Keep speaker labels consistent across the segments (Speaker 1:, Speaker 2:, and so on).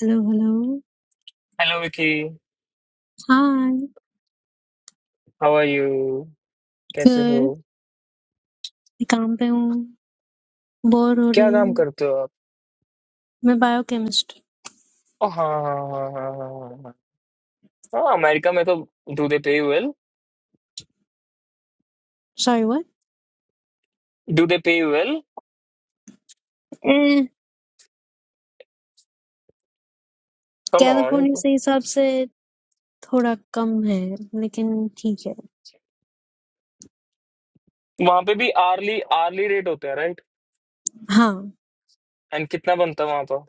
Speaker 1: Hello, hello.
Speaker 2: Hello Vicky
Speaker 1: Hi.
Speaker 2: How are you कैसे हो
Speaker 1: Good. I'm at work. Bored. Or
Speaker 2: क्या काम
Speaker 1: you?
Speaker 2: करते हो आप
Speaker 1: I'm a biochemist.
Speaker 2: ओ हाँ हाँ हाँ हाँ हाँ हाँ हाँ हाँ, हाँ, अमेरिका में तो do they pay well
Speaker 1: Sorry. What?
Speaker 2: Do they pay well come on
Speaker 1: California, as I said, is a little bit less, but okay.
Speaker 2: वहां पे भी आर्ली आर्ली रेट होते हैं राइट
Speaker 1: Yeah.
Speaker 2: एंड कितना बनता है वहां पर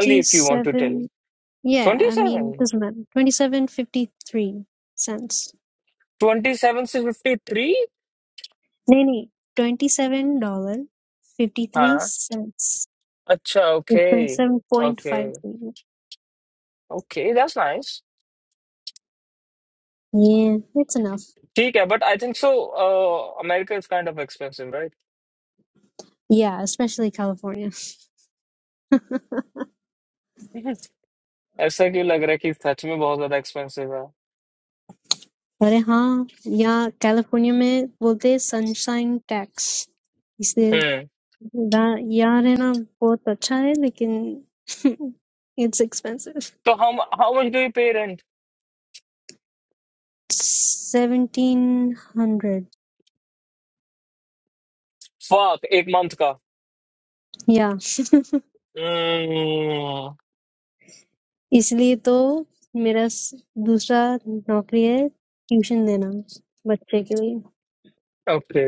Speaker 2: only if you want to tell
Speaker 1: Yeah,
Speaker 2: twenty
Speaker 1: I mean,
Speaker 2: seven
Speaker 1: just man. Twenty-seven fifty-three cents.
Speaker 2: Twenty seven से fifty three
Speaker 1: No, no. Twenty-seven dollars fifty-three
Speaker 2: हाँ
Speaker 1: cents.
Speaker 2: अच्छा okay
Speaker 1: Twenty-seven point
Speaker 2: okay
Speaker 1: five three.
Speaker 2: Okay that's nice
Speaker 1: Yeah, it's enough.
Speaker 2: ठीक है but I think so America is kind of expensive right
Speaker 1: Yeah, especially California.
Speaker 2: ऐसा क्यों लग रहा है कि सच में बहुत ज्यादा एक्सपेंसिव है
Speaker 1: अरे हाँ या California में बोलते Sunshine tax इसलिए
Speaker 2: हम्म
Speaker 1: यार है ना बहुत अच्छा है लेकिन it's expensive
Speaker 2: तो हम how much do you pay rent
Speaker 1: seventeen hundred
Speaker 2: फक एक मंथ का
Speaker 1: या
Speaker 2: हम्म
Speaker 1: इसलिए तो मेरा स- दूसरा नौकरी है tuition देना बच्चे के लिए
Speaker 2: ओके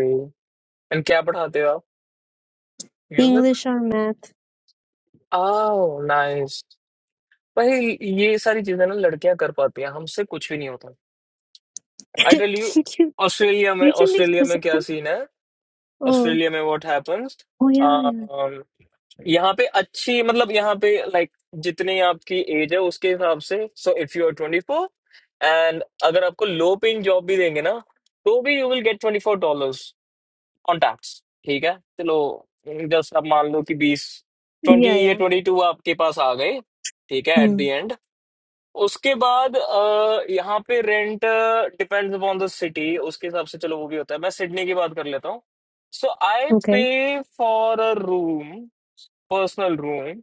Speaker 2: एंड क्या पढ़ाते हो आप म्यूजिक
Speaker 1: English और math
Speaker 2: ओह नाइस भाई ये सारी चीजें ना लड़कियां कर पाती हैं हमसे कुछ भी नहीं होता आई टेल यू
Speaker 1: क्यों
Speaker 2: ऑस्ट्रेलिया में
Speaker 1: tuition नहीं
Speaker 2: ऑस्ट्रेलिया
Speaker 1: कर
Speaker 2: में
Speaker 1: सकता
Speaker 2: क्या सीन है
Speaker 1: oh
Speaker 2: ऑस्ट्रेलिया में what happens
Speaker 1: oh yeah yeah
Speaker 2: यहाँ पे अच्छी मतलब यहाँ पे लाइक जितनी आपकी एज है उसके हिसाब से so if you are twenty four and अगर आपको लो पेइंग जॉब भी देंगे ना तो भी you will get twenty four dollar on tax ठीक है चलो जस्ट आप मान लो कि बीस
Speaker 1: yeah
Speaker 2: ट्वेंटी या
Speaker 1: yeah
Speaker 2: ट्वेंटी टू आपके पास आ गए ठीक है एट द एंड उसके बाद अ, यहाँ पे rent depends upon the city उसके हिसाब से चलो वो भी होता है मैं सिडनी की बात कर लेता हूँ so I
Speaker 1: okay
Speaker 2: pay for a room personal room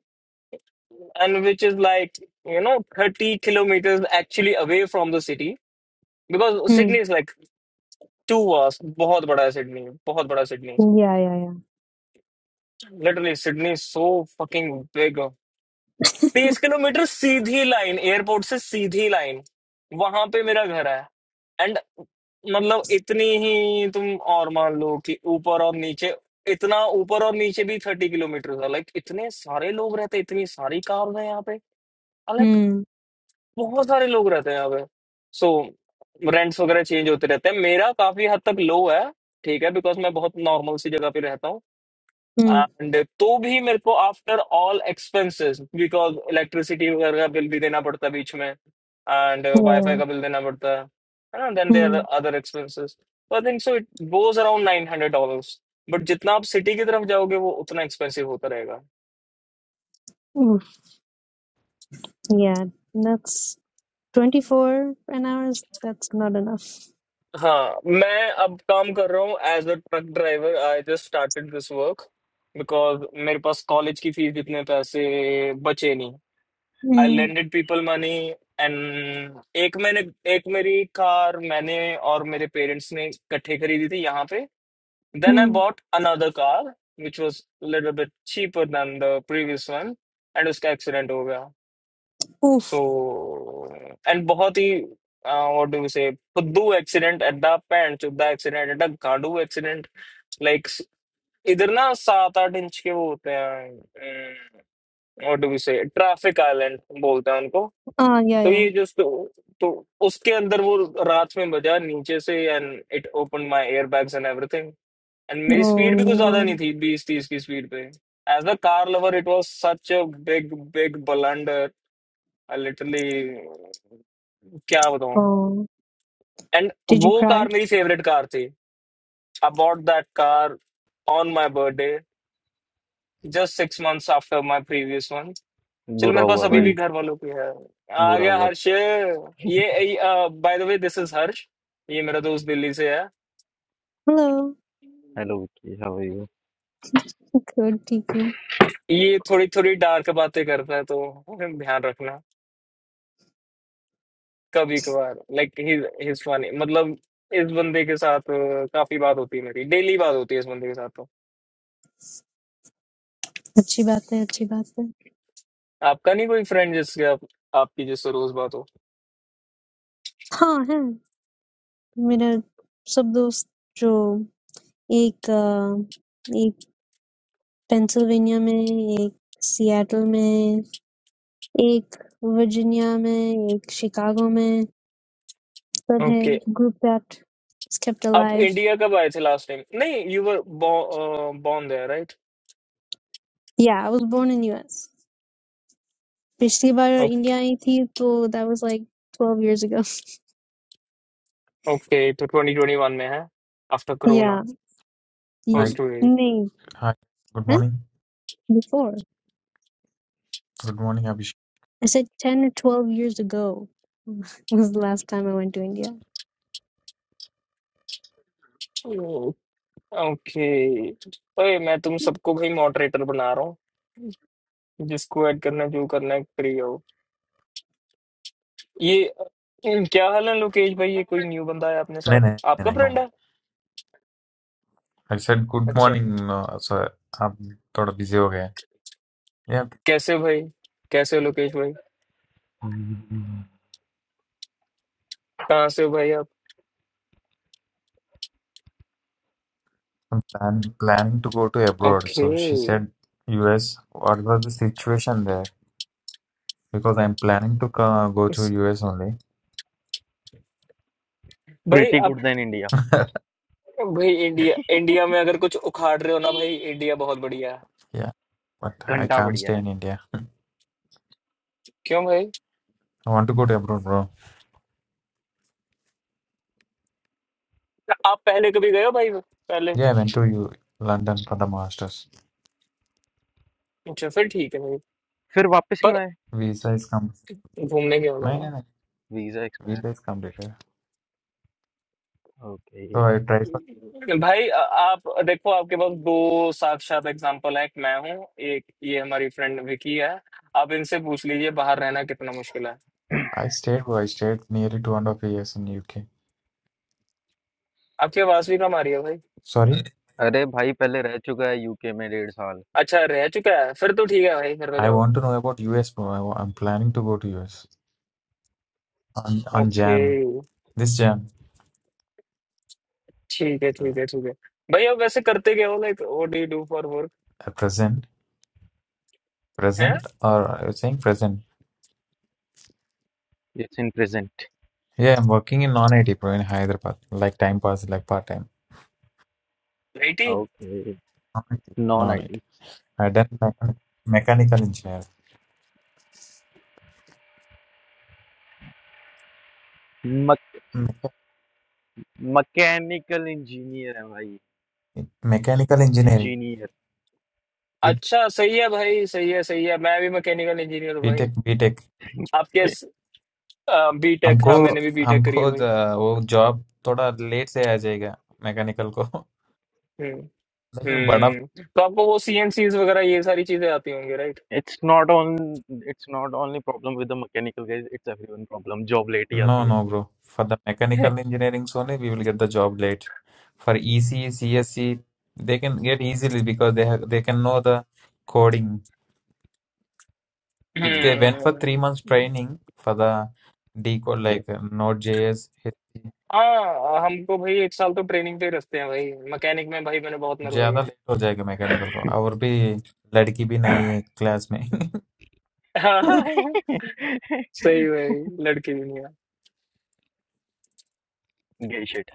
Speaker 2: and which is like you know 30 kilometers actually away from the city because sydney is like two hours बहुत बड़ा है सिडनी बहुत बड़ा Sydney
Speaker 1: yeah yeah
Speaker 2: literally Sydney is so fucking big 30 kilometre सीधी line airport से सीधी line वहां पे मेरा घर है एंड मतलब इतनी ही तुम और मान लो कि ऊपर और नीचे इतना ऊपर और नीचे भी थर्टी किलोमीटर है लाइक इतने सारे लोग रहते इतनी सारी कार है यहाँ पे लाइक
Speaker 1: yeah
Speaker 2: बहुत सारे लोग रहते हैं यहाँ पे सो रेंट्स वगैरह चेंज होते रहते हैं मेरा काफी हद तक लो है ठीक है बिकॉज मैं बहुत नॉर्मल सी जगह पे रहता हूँ
Speaker 1: Mm,
Speaker 2: एंड तो भी मेरे को after all expenses because electricity वगैरह का बिल भी देना पड़ता है बीच में एंड वाईफाई
Speaker 1: yeah.
Speaker 2: का बिल देना पड़ता है है ना then there
Speaker 1: Mm,
Speaker 2: other expenses I think so it goes around nine hundred dollars but जितना आप सिटी की तरफ जाओगे वो उतना एक्सपेंसिव होता रहेगा
Speaker 1: mm, yeah. That's 24 an hour. is- That's not enough.
Speaker 2: हाँ मैं अब काम कर रहा हूँ as a truck driver I just started this work because मेरे पास कॉलेज की फीस जितने पैसे बचे नहीं I
Speaker 1: Mm,
Speaker 2: lended people money and एक मैंने एक मेरी कार मैंने और मेरे पेरेंट्स ने इकट्ठे खरीदी थी यहाँ पे then I
Speaker 1: mm.
Speaker 2: Bought another car which was little bit cheaper than the previous one and उसका एक्सीडेंट हो गया
Speaker 1: Oof.
Speaker 2: So and बहुत ही uh, what do you say फुद्दू एक्सीडेंट एड्डा पैंट चुद्दा एक्सीडेंट एड्डा गांडू एक्सीडेंट लाइक इधर ना सात आठ इंच के वो होते हैं what do we say traffic island बोलते हैं उनको
Speaker 1: Ah, yeah,
Speaker 2: तो
Speaker 1: yeah.
Speaker 2: ये जो तो, तो उसके अंदर वो रात में बजा नीचे से and it open my air bags and everything and मेरी
Speaker 1: Oh,
Speaker 2: स्पीड भी कुछ ज्यादा नहीं
Speaker 1: no.
Speaker 2: थी बीस तीस की स्पीड पे as a car lover it was such a big big blunder I literally क्या बताऊं
Speaker 1: Oh,
Speaker 2: एंड
Speaker 1: did you
Speaker 2: वो कार
Speaker 1: cry?
Speaker 2: मेरी फेवरेट कार थी I bought that car on my birthday just six months after my previous one चलो
Speaker 3: बुरा
Speaker 2: मेरे पास
Speaker 3: हुआ
Speaker 2: अभी
Speaker 3: भाई
Speaker 1: Mm.
Speaker 2: भी घर वालों की है आ
Speaker 3: बुरा
Speaker 2: गया
Speaker 3: हुआ
Speaker 2: हर्ष ये by the way this is Harsh ये मेरा दोस्त दिल्ली से है
Speaker 1: Hello.
Speaker 3: Hello Vicky how are you
Speaker 1: Good, ठीक हूँ
Speaker 2: ये थोड़ी थोड़ी डार्क बातें करता है तो ध्यान रखना कभी कभार लाइक हिज फनी मतलब इस बंदे के साथ अ, काफी बात होती है मेरी डेली बात होती है इस बंदे के साथ तो।
Speaker 1: अच्छी बात है अच्छी बात है
Speaker 2: आपका नहीं कोई फ्रेंड जिसके आप आपकी जिससे रोज बात हो
Speaker 1: हाँ है मेरा सब दोस्त जो एक अ, एक पेंसिल्वेनिया में एक सिएटल में एक वर्जीनिया में एक शिकागो में From
Speaker 2: okay
Speaker 1: his group that is kept
Speaker 2: आप
Speaker 1: alive.
Speaker 2: इंडिया कब आए थे लास्ट टाइम नहीं you were born there right
Speaker 1: Yeah, I was born in US. पिछली बार इंडिया आई थी तो that was like 12 years ago.
Speaker 2: Okay तो 2021 में है after corona
Speaker 1: Yeah, y-
Speaker 4: Hi,
Speaker 2: first wave
Speaker 1: नहीं,
Speaker 4: hi. Good
Speaker 1: huh?
Speaker 4: morning.
Speaker 1: before.
Speaker 4: Good morning, Abhishek.
Speaker 1: I said 10 or 12 years ago was the last time I went to India.
Speaker 2: Okay अरे मैं तुम सबको भाई moderator बना रहा हूँ जिसको ऐड करना है, जो करना है फ्री हो ये अम, क्या हाल है लोकेश भाई ये कोई न्यू बंदा है अपने
Speaker 4: नहीं
Speaker 2: साथ
Speaker 4: नहीं नहीं
Speaker 2: आपका
Speaker 4: नहीं, no
Speaker 2: फ्रेंड
Speaker 4: no.
Speaker 2: है
Speaker 4: I said good
Speaker 2: अच्छा
Speaker 4: morning. Uh, so आप थोड़ा busy हो गए हैं. Yeah,
Speaker 2: कैसे हो भाई कैसे हो लोकेश भाई कहाँ से हो भाई आप
Speaker 4: I'm plan, planning to go to abroad.
Speaker 2: Okay
Speaker 4: So she said US. What was the situation there? Because I'm planning to co- go to US only.
Speaker 2: भाई
Speaker 3: प्रीटी
Speaker 2: आप
Speaker 3: गुड देन इंडिया
Speaker 2: भाई इंडिया इंडिया में अगर कुछ उखाड़ रहे हो ना भाई इंडिया बहुत बढ़िया है
Speaker 4: Yeah, but I
Speaker 3: घंटा
Speaker 4: can't
Speaker 3: बढ़िया
Speaker 4: stay
Speaker 3: है
Speaker 4: in India.
Speaker 2: क्यों भाई
Speaker 4: I want to go to abroad, bro.
Speaker 2: आप पहले कभी गए हो भाई पहले
Speaker 4: Yeah, I went to U London for the masters.
Speaker 2: अच्छा फिर ठीक है भाई
Speaker 3: फिर वापस क्यों
Speaker 2: पर
Speaker 3: आए
Speaker 4: Visa is com.
Speaker 2: घूमने के होगा
Speaker 4: No no
Speaker 2: ना
Speaker 4: no.
Speaker 3: Visa expire
Speaker 4: Visa is completed.
Speaker 3: Okay
Speaker 4: So I tried.
Speaker 2: भाई आ- आप देखो आपके पास दो साक्षात एग्जांपल है एक मैं हूँ एक ये हमारी फ्रेंड विकी है आप इनसे पूछ लीजिए बाहर रहना कितना मुश्किल है
Speaker 4: I stayed where I stayed nearly two and a half years in UK.
Speaker 2: आपकी आवाज भी कम आ रही है भाई
Speaker 4: Sorry,
Speaker 3: अरे भाई पहले रह चुका है यूके में डेढ़ साल
Speaker 2: अच्छा रह चुका है फिर तो ठीक है भाई फिर तो
Speaker 4: I
Speaker 2: जाओ
Speaker 4: want to know about US, bro. I, wa- I'm planning to go to US on on
Speaker 2: okay
Speaker 4: Jan. This Jan,
Speaker 2: ठीक है ठीक है ठीक है भाई आप वैसे करते क्या हो like what do you do for
Speaker 4: at present,
Speaker 2: work
Speaker 4: present, or I was saying present.
Speaker 3: It's in present
Speaker 4: Yeah, I'm working in non-IT, bro, in Hyderabad, like time pass, like part time.
Speaker 2: बेटी
Speaker 3: okay
Speaker 4: Non-IT.
Speaker 3: Non
Speaker 4: Non-IT.
Speaker 3: IT
Speaker 4: I done mechan- mechanical engineer,
Speaker 3: मक,
Speaker 4: Me-
Speaker 3: mechanical engineer है भाई
Speaker 4: mechanical engineering.
Speaker 3: Engineer
Speaker 4: B
Speaker 2: अच्छा सही है भाई सही है सही है मैं भी मैकेनिकल इंजीनियर हूँ भाई
Speaker 4: BTech, BTech.
Speaker 2: आपके बीटेक
Speaker 4: हमको
Speaker 2: हाँ मैंने भी बीटेक करी है
Speaker 4: हमको ज-
Speaker 2: भाई
Speaker 4: वो जॉब थोड़ा लेट से आ जाएगा मैकेनिकल को
Speaker 2: हम्म
Speaker 4: लेकिन बड़ा
Speaker 2: हम्म तो आपको वो सीएनसी वगैरह ये सारी चीजें आती होंगी right
Speaker 3: it's not on it's not only problem with the mechanical guys it's everyone problem job late ही
Speaker 4: No,
Speaker 3: आती है
Speaker 4: no, bro. For the mechanical engineering only, we will get the job late. For EC, CSC, they can get easily because they have they can know the coding. If they
Speaker 3: या
Speaker 4: went for three months
Speaker 2: hmm
Speaker 4: training for the decode
Speaker 3: ये
Speaker 4: like uh, Node.js, HTML,
Speaker 2: हाँ हमको भाई एक साल तो training पे ही रखते हैं भाई मैकेनिक में भाई मैंने बहुत
Speaker 4: ज्यादा
Speaker 2: नरवाया
Speaker 4: लेट हो जाएगा मैकेनिकल को और भी लड़की भी नहीं है क्लास में
Speaker 2: सही भाई लड़की भी नहीं है
Speaker 3: गई शिट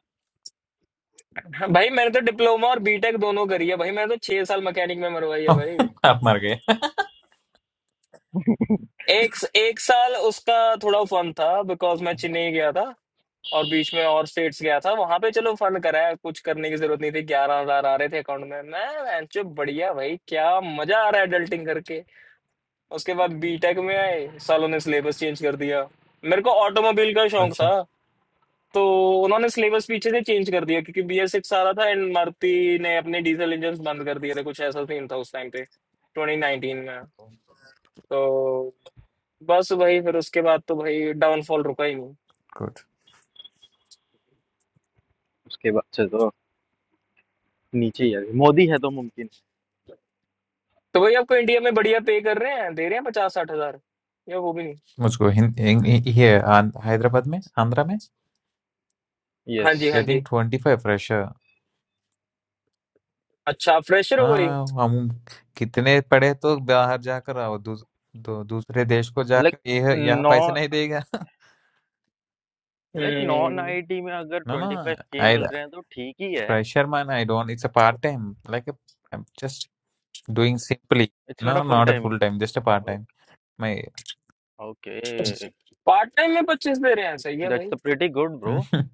Speaker 2: हाँ, भाई मैंने तो डिप्लोमा और बीटेक दोनों करी है भाई मैंने तो छह साल मैकेनिक में मरवाई है भाई
Speaker 4: आप मर गए
Speaker 2: एक एक साल उसका थोड़ा फन था बिकॉज मैं चेन्नई गया था और बीच में और स्टेट्स गया था वहां पे चलो फन कराया कुछ करने की जरूरत नहीं थी ग्यारह हजार आ रहे थे अकाउंट में मैं बेंचो बढ़िया भाई क्या मजा आ रहा है एडल्टिंग करके उसके बाद बीटेक में आए सालों ने सिलेबस चेंज कर दिया मेरे को ऑटोमोबाइल का शौक
Speaker 4: अच्छा
Speaker 2: था तो उन्होंने सिलेबस पीछे से चेंज कर दिया क्योंकि बी एस सिक्स आ रहा था एंड मारुति ने अपने डीजल इंजन बंद कर दिए थे कुछ ऐसा सीन था उस टाइम पे ट्वेंटी नाइनटीन में तो बस वही फिर उसके बाद तो भाई डाउनफॉल रुका ही नहीं
Speaker 4: गुड
Speaker 3: उसके बाद से तो नीचे ही आ गए मोदी है तो मुमकिन है
Speaker 2: तो भाई आपको इंडिया में बढ़िया पे कर रहे हैं दे रहे हैं पचास साठ हजार या वो भी नहीं
Speaker 4: मुझको हिं- हिं- हिं- here, आन- हैदराबाद में आंध्रा में
Speaker 2: हाँ
Speaker 3: यस
Speaker 2: जी हाँ
Speaker 4: getting
Speaker 2: जी
Speaker 4: 25 fresher
Speaker 2: अच्छा आप फ्रेशर हो गई
Speaker 4: हाँ हम कितने पढ़े तो बाहर जा कर आओ दो दूसरे देश को जा
Speaker 3: लाइक
Speaker 4: के यह यहाँ
Speaker 3: नॉ
Speaker 4: पैसे नहीं देगा
Speaker 3: लाइक नॉन
Speaker 2: हम्म
Speaker 3: आईटी में अगर
Speaker 4: ना ना
Speaker 3: 25K
Speaker 4: I
Speaker 3: मिल रहे हैं तो ठीक ही है।
Speaker 4: pressure man I don't it's a part time like a, I'm just doing simply
Speaker 3: it's not a
Speaker 4: no
Speaker 3: full
Speaker 4: not a
Speaker 3: time.
Speaker 4: full time just a part
Speaker 3: okay
Speaker 4: time my
Speaker 3: okay
Speaker 2: part time में पच्चीस दे रहे हैं सही है भाई
Speaker 3: that's a pretty good bro.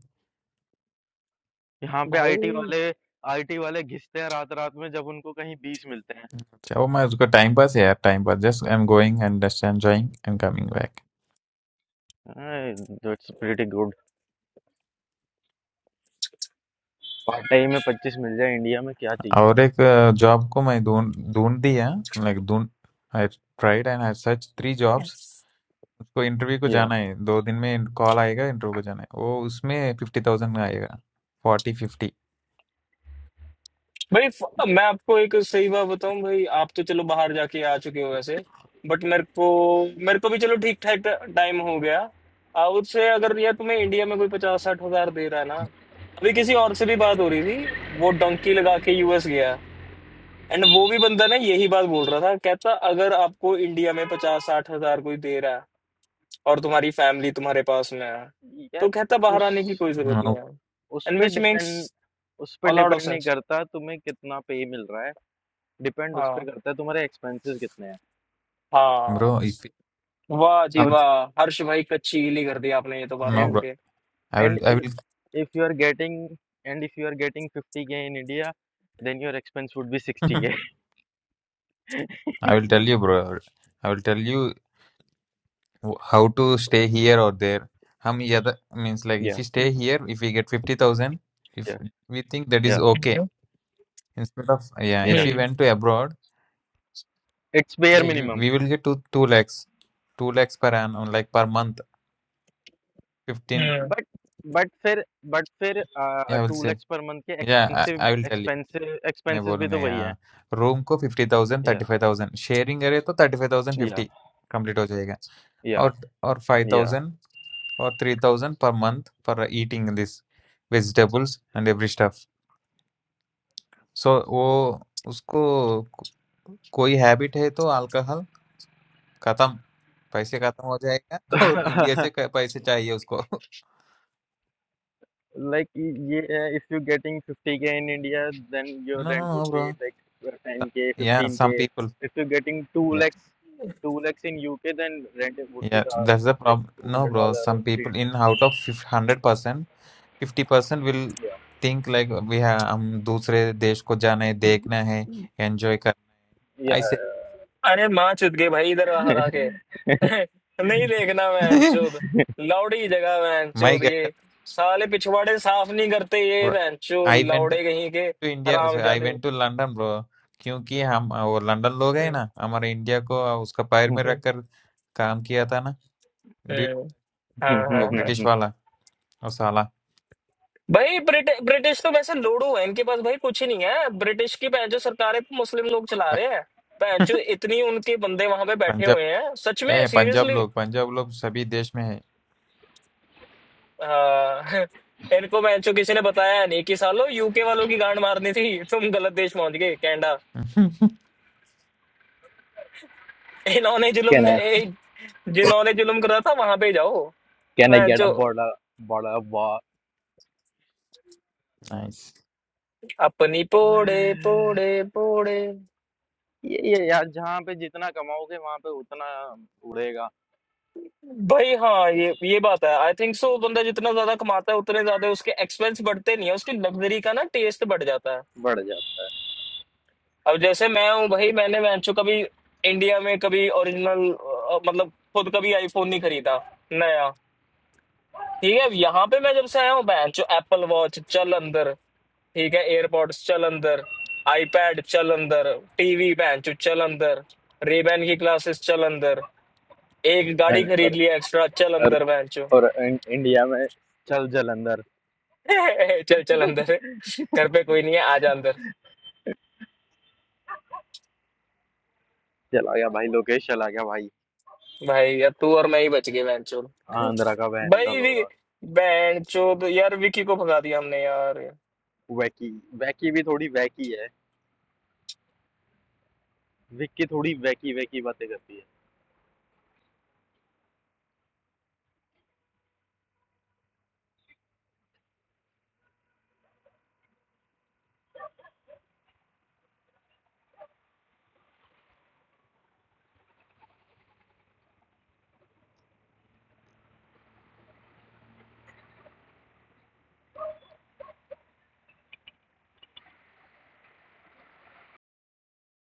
Speaker 3: यहाँ पे
Speaker 2: भाई
Speaker 3: आईटी वाले आईटी वाले घिसते हैं रात-रात में जब उनको कहीं 20 मिलते हैं।
Speaker 4: चाहो मैं उसको time पर से है time पर just I'm going and just enjoying and coming back
Speaker 3: अय that's pretty good. Part time में 25 मिल जाए इंडिया में क्या चाहिए?
Speaker 4: और एक job को मैं ढूंढ ढूंढ दिया like ढूंढ I tried and I searched three jobs So interview to go.
Speaker 3: या
Speaker 4: दो दिन में call आएगा interview को जाने। वो उसमें fifty thousand आएगा, forty fifty.
Speaker 2: भाई फ- मैं आपको एक सही बात बताऊं भाई आप तो चलो बाहर जाके आ चुके हो वैसे बट मेरे को मेरे को भी चलो ठीक ठाक टाइम हो गया आ, उससे अगर यार तुम्हें इंडिया में कोई पचास साठ हजार दे रहा है ना अभी किसी और से भी बात हो रही थी वो डंकी लगा के यूएस गया है एंड वो भी बंदा ना यही बात बोल रहा था कहता अगर आपको इंडिया में पचास साठ हजार कोई दे रहा है और तुम्हारी फैमिली तुम्हारे पास में है
Speaker 3: यार
Speaker 2: तो कहता बाहर
Speaker 3: उस
Speaker 2: आने की कोई जरूरत नहीं
Speaker 4: No
Speaker 2: है
Speaker 3: उस
Speaker 2: एंड
Speaker 3: पे
Speaker 2: विच मेक्स
Speaker 3: डिपेंड उस पे
Speaker 2: अ लॉट ऑफ
Speaker 3: डिपेंड नहीं
Speaker 2: सेंस
Speaker 3: करता तुम्हें कितना पे मिल रहा है। डिपेंड उस
Speaker 2: हाँ
Speaker 3: पे करता है तुम्हारे एक्सपेंसेस कितने हैं
Speaker 2: हाँ
Speaker 4: bro,
Speaker 2: वाह जी
Speaker 3: और
Speaker 2: वाह हर्ष भाई कच्ची गीली कर दी आपने ये तो बात
Speaker 3: एंड
Speaker 2: बोल के
Speaker 4: I will
Speaker 3: and
Speaker 4: I
Speaker 3: if
Speaker 4: will
Speaker 3: if you are getting and if you are getting 50k in india then your expense would be 60k
Speaker 4: I will tell you bro. I will tell you wh- how to stay here or there. How much? I mean, like if
Speaker 3: yeah
Speaker 4: you stay
Speaker 2: hmm
Speaker 4: here, if you get fifty thousand, if
Speaker 3: yeah
Speaker 4: we think that is
Speaker 3: yeah
Speaker 4: okay. Instead of yeah, if
Speaker 3: yeah
Speaker 4: we
Speaker 2: hmm
Speaker 4: went to abroad,
Speaker 3: it's
Speaker 4: yeah,
Speaker 3: bare
Speaker 4: you,
Speaker 3: minimum
Speaker 4: we will get two two lakhs, two lakhs per an unlike per month fifteen.
Speaker 2: Hmm
Speaker 3: but but फिर but फिर
Speaker 4: Yeah, I will
Speaker 3: to
Speaker 4: say,
Speaker 3: lakhs per month के
Speaker 4: yeah
Speaker 3: expensive
Speaker 4: I I will tell you.
Speaker 3: expensive
Speaker 4: मैं
Speaker 3: expenses भी
Speaker 4: बोलूँगा
Speaker 3: तो वही है
Speaker 4: यार room को fifty thousand thirty
Speaker 3: yeah
Speaker 4: five thousand sharing करें तो thirty five thousand
Speaker 3: yeah
Speaker 4: fifty complete हो जाएगा
Speaker 3: yeah
Speaker 4: और और five thousand और three thousand per month for eating this vegetables and every stuff so वो उसको को- कोई habit है तो all का all ख़त्म पैसे ख़त्म हो जाएगा और
Speaker 3: yeah
Speaker 4: India से क- पैसे चाहिए उसको
Speaker 3: Like ye- uh, if you're getting 50k in India, then your
Speaker 4: no
Speaker 3: rent
Speaker 4: no
Speaker 3: would
Speaker 4: bro
Speaker 3: be like 10k,
Speaker 4: yeah some
Speaker 3: 15k.
Speaker 4: people
Speaker 3: If you're getting 2
Speaker 4: yeah
Speaker 3: lakhs, 2 lakhs in UK, then rent would be
Speaker 4: yeah
Speaker 3: the,
Speaker 4: that's the
Speaker 3: like
Speaker 4: problem no
Speaker 3: 200
Speaker 4: bro
Speaker 3: dollar or
Speaker 4: some people in
Speaker 3: 300.
Speaker 4: out of hundred percent Fifty percent will
Speaker 3: Yeah,
Speaker 4: think like we are. We have to go to another country to see,
Speaker 2: hmm.
Speaker 4: to enjoy.
Speaker 3: yeah.
Speaker 4: I say,
Speaker 2: अरे माँ चुद गई भाई इधर आ हरा के नहीं देखना बहन चोद लौड़ी जगह बहन चोद ये साले पिछवाड़े साफ नहीं करते ये बहन चोद
Speaker 4: I went
Speaker 2: लौड़े कहीं के
Speaker 4: to India.
Speaker 2: हराम
Speaker 4: I
Speaker 2: जादे
Speaker 4: went to London, bro. Because we Londoners, we
Speaker 2: hmm
Speaker 4: have seen India in the fire
Speaker 3: yeah.
Speaker 2: Hmm,
Speaker 4: and done work there. That
Speaker 2: हम्म, हाँ हाँ हाँ
Speaker 4: British guy, that
Speaker 2: भाई ब्रिट, ब्रिटिश तो वैसे लोड़ू है इनके पास भाई कुछ ही नहीं है ब्रिटिश की बहन जो सरकार है मुस्लिम लोग चला रहे हैं बहन चोद इतनी उनके बंदे वहां पे बैठे
Speaker 4: Punjabi
Speaker 2: हुए हैं सच में
Speaker 4: guy. Punjabi
Speaker 2: seriously
Speaker 4: people. Punjabi people are in every country.
Speaker 2: हाँ इनको मैंने किसी ने बताया नहीं कि सालो यूके वालों की गांड मारनी थी तुम गलत देश पहुंच गए कैनेडा इन्होंने
Speaker 3: can
Speaker 2: जुल्म
Speaker 3: I
Speaker 2: ए, जिन्होंने जुल्म करा था वहां पे जाओ
Speaker 3: can I
Speaker 2: मैं
Speaker 3: get a bottle bottle of water?
Speaker 4: Nice.
Speaker 2: अपनी पोड़े पोड़े पोड़े
Speaker 3: ये ये यार जहाँ पे जितना कमाओगे वहां पे उतना उड़ेगा
Speaker 2: भाई हाँ ये ये बात है आई थिंक सो बंदा जितना ज्यादा कमाता है उतने ज्यादा उसके एक्सपेंस बढ़ते नहीं है उसकी लग्जरी का ना टेस्ट बढ़ जाता है
Speaker 3: बढ़ जाता है
Speaker 2: अब जैसे मैं हूँ भाई मैंने वैंचो कभी इंडिया में कभी ओरिजिनल मतलब खुद कभी आईफोन नहीं खरीदा नया ठीक है यहाँ पे मैं जब से आया हूँ बहन जो एप्पल वॉच चल अंदर ठीक है एयरपॉड्स चल अंदर आईपैड चल अंदर टीवी बहन जो चल अंदर रेबैन की क्लासेस चल अंदर एक गाड़ी
Speaker 3: एंड
Speaker 2: खरीद
Speaker 3: और
Speaker 2: लिया एक्स्ट्रा चल
Speaker 3: और,
Speaker 2: अंदर बहन जो
Speaker 3: और इं- इंडिया में चल जलंधर
Speaker 2: चल चल अंदर घर पे कोई नहीं है आ जा अंदर
Speaker 3: चला गया भाई लोकेश चला गया भाई
Speaker 2: भाई यार तू और मैं ही बच गए बहन चो
Speaker 3: आंध्रा का बहन का
Speaker 2: भाई भी
Speaker 3: लोड़ा
Speaker 2: बहन चो यार विकी को भगा दिया हमने यार
Speaker 3: वैकी वैकी भी थोड़ी वैकी है विक्की थोड़ी वैकी वैकी बातें करती है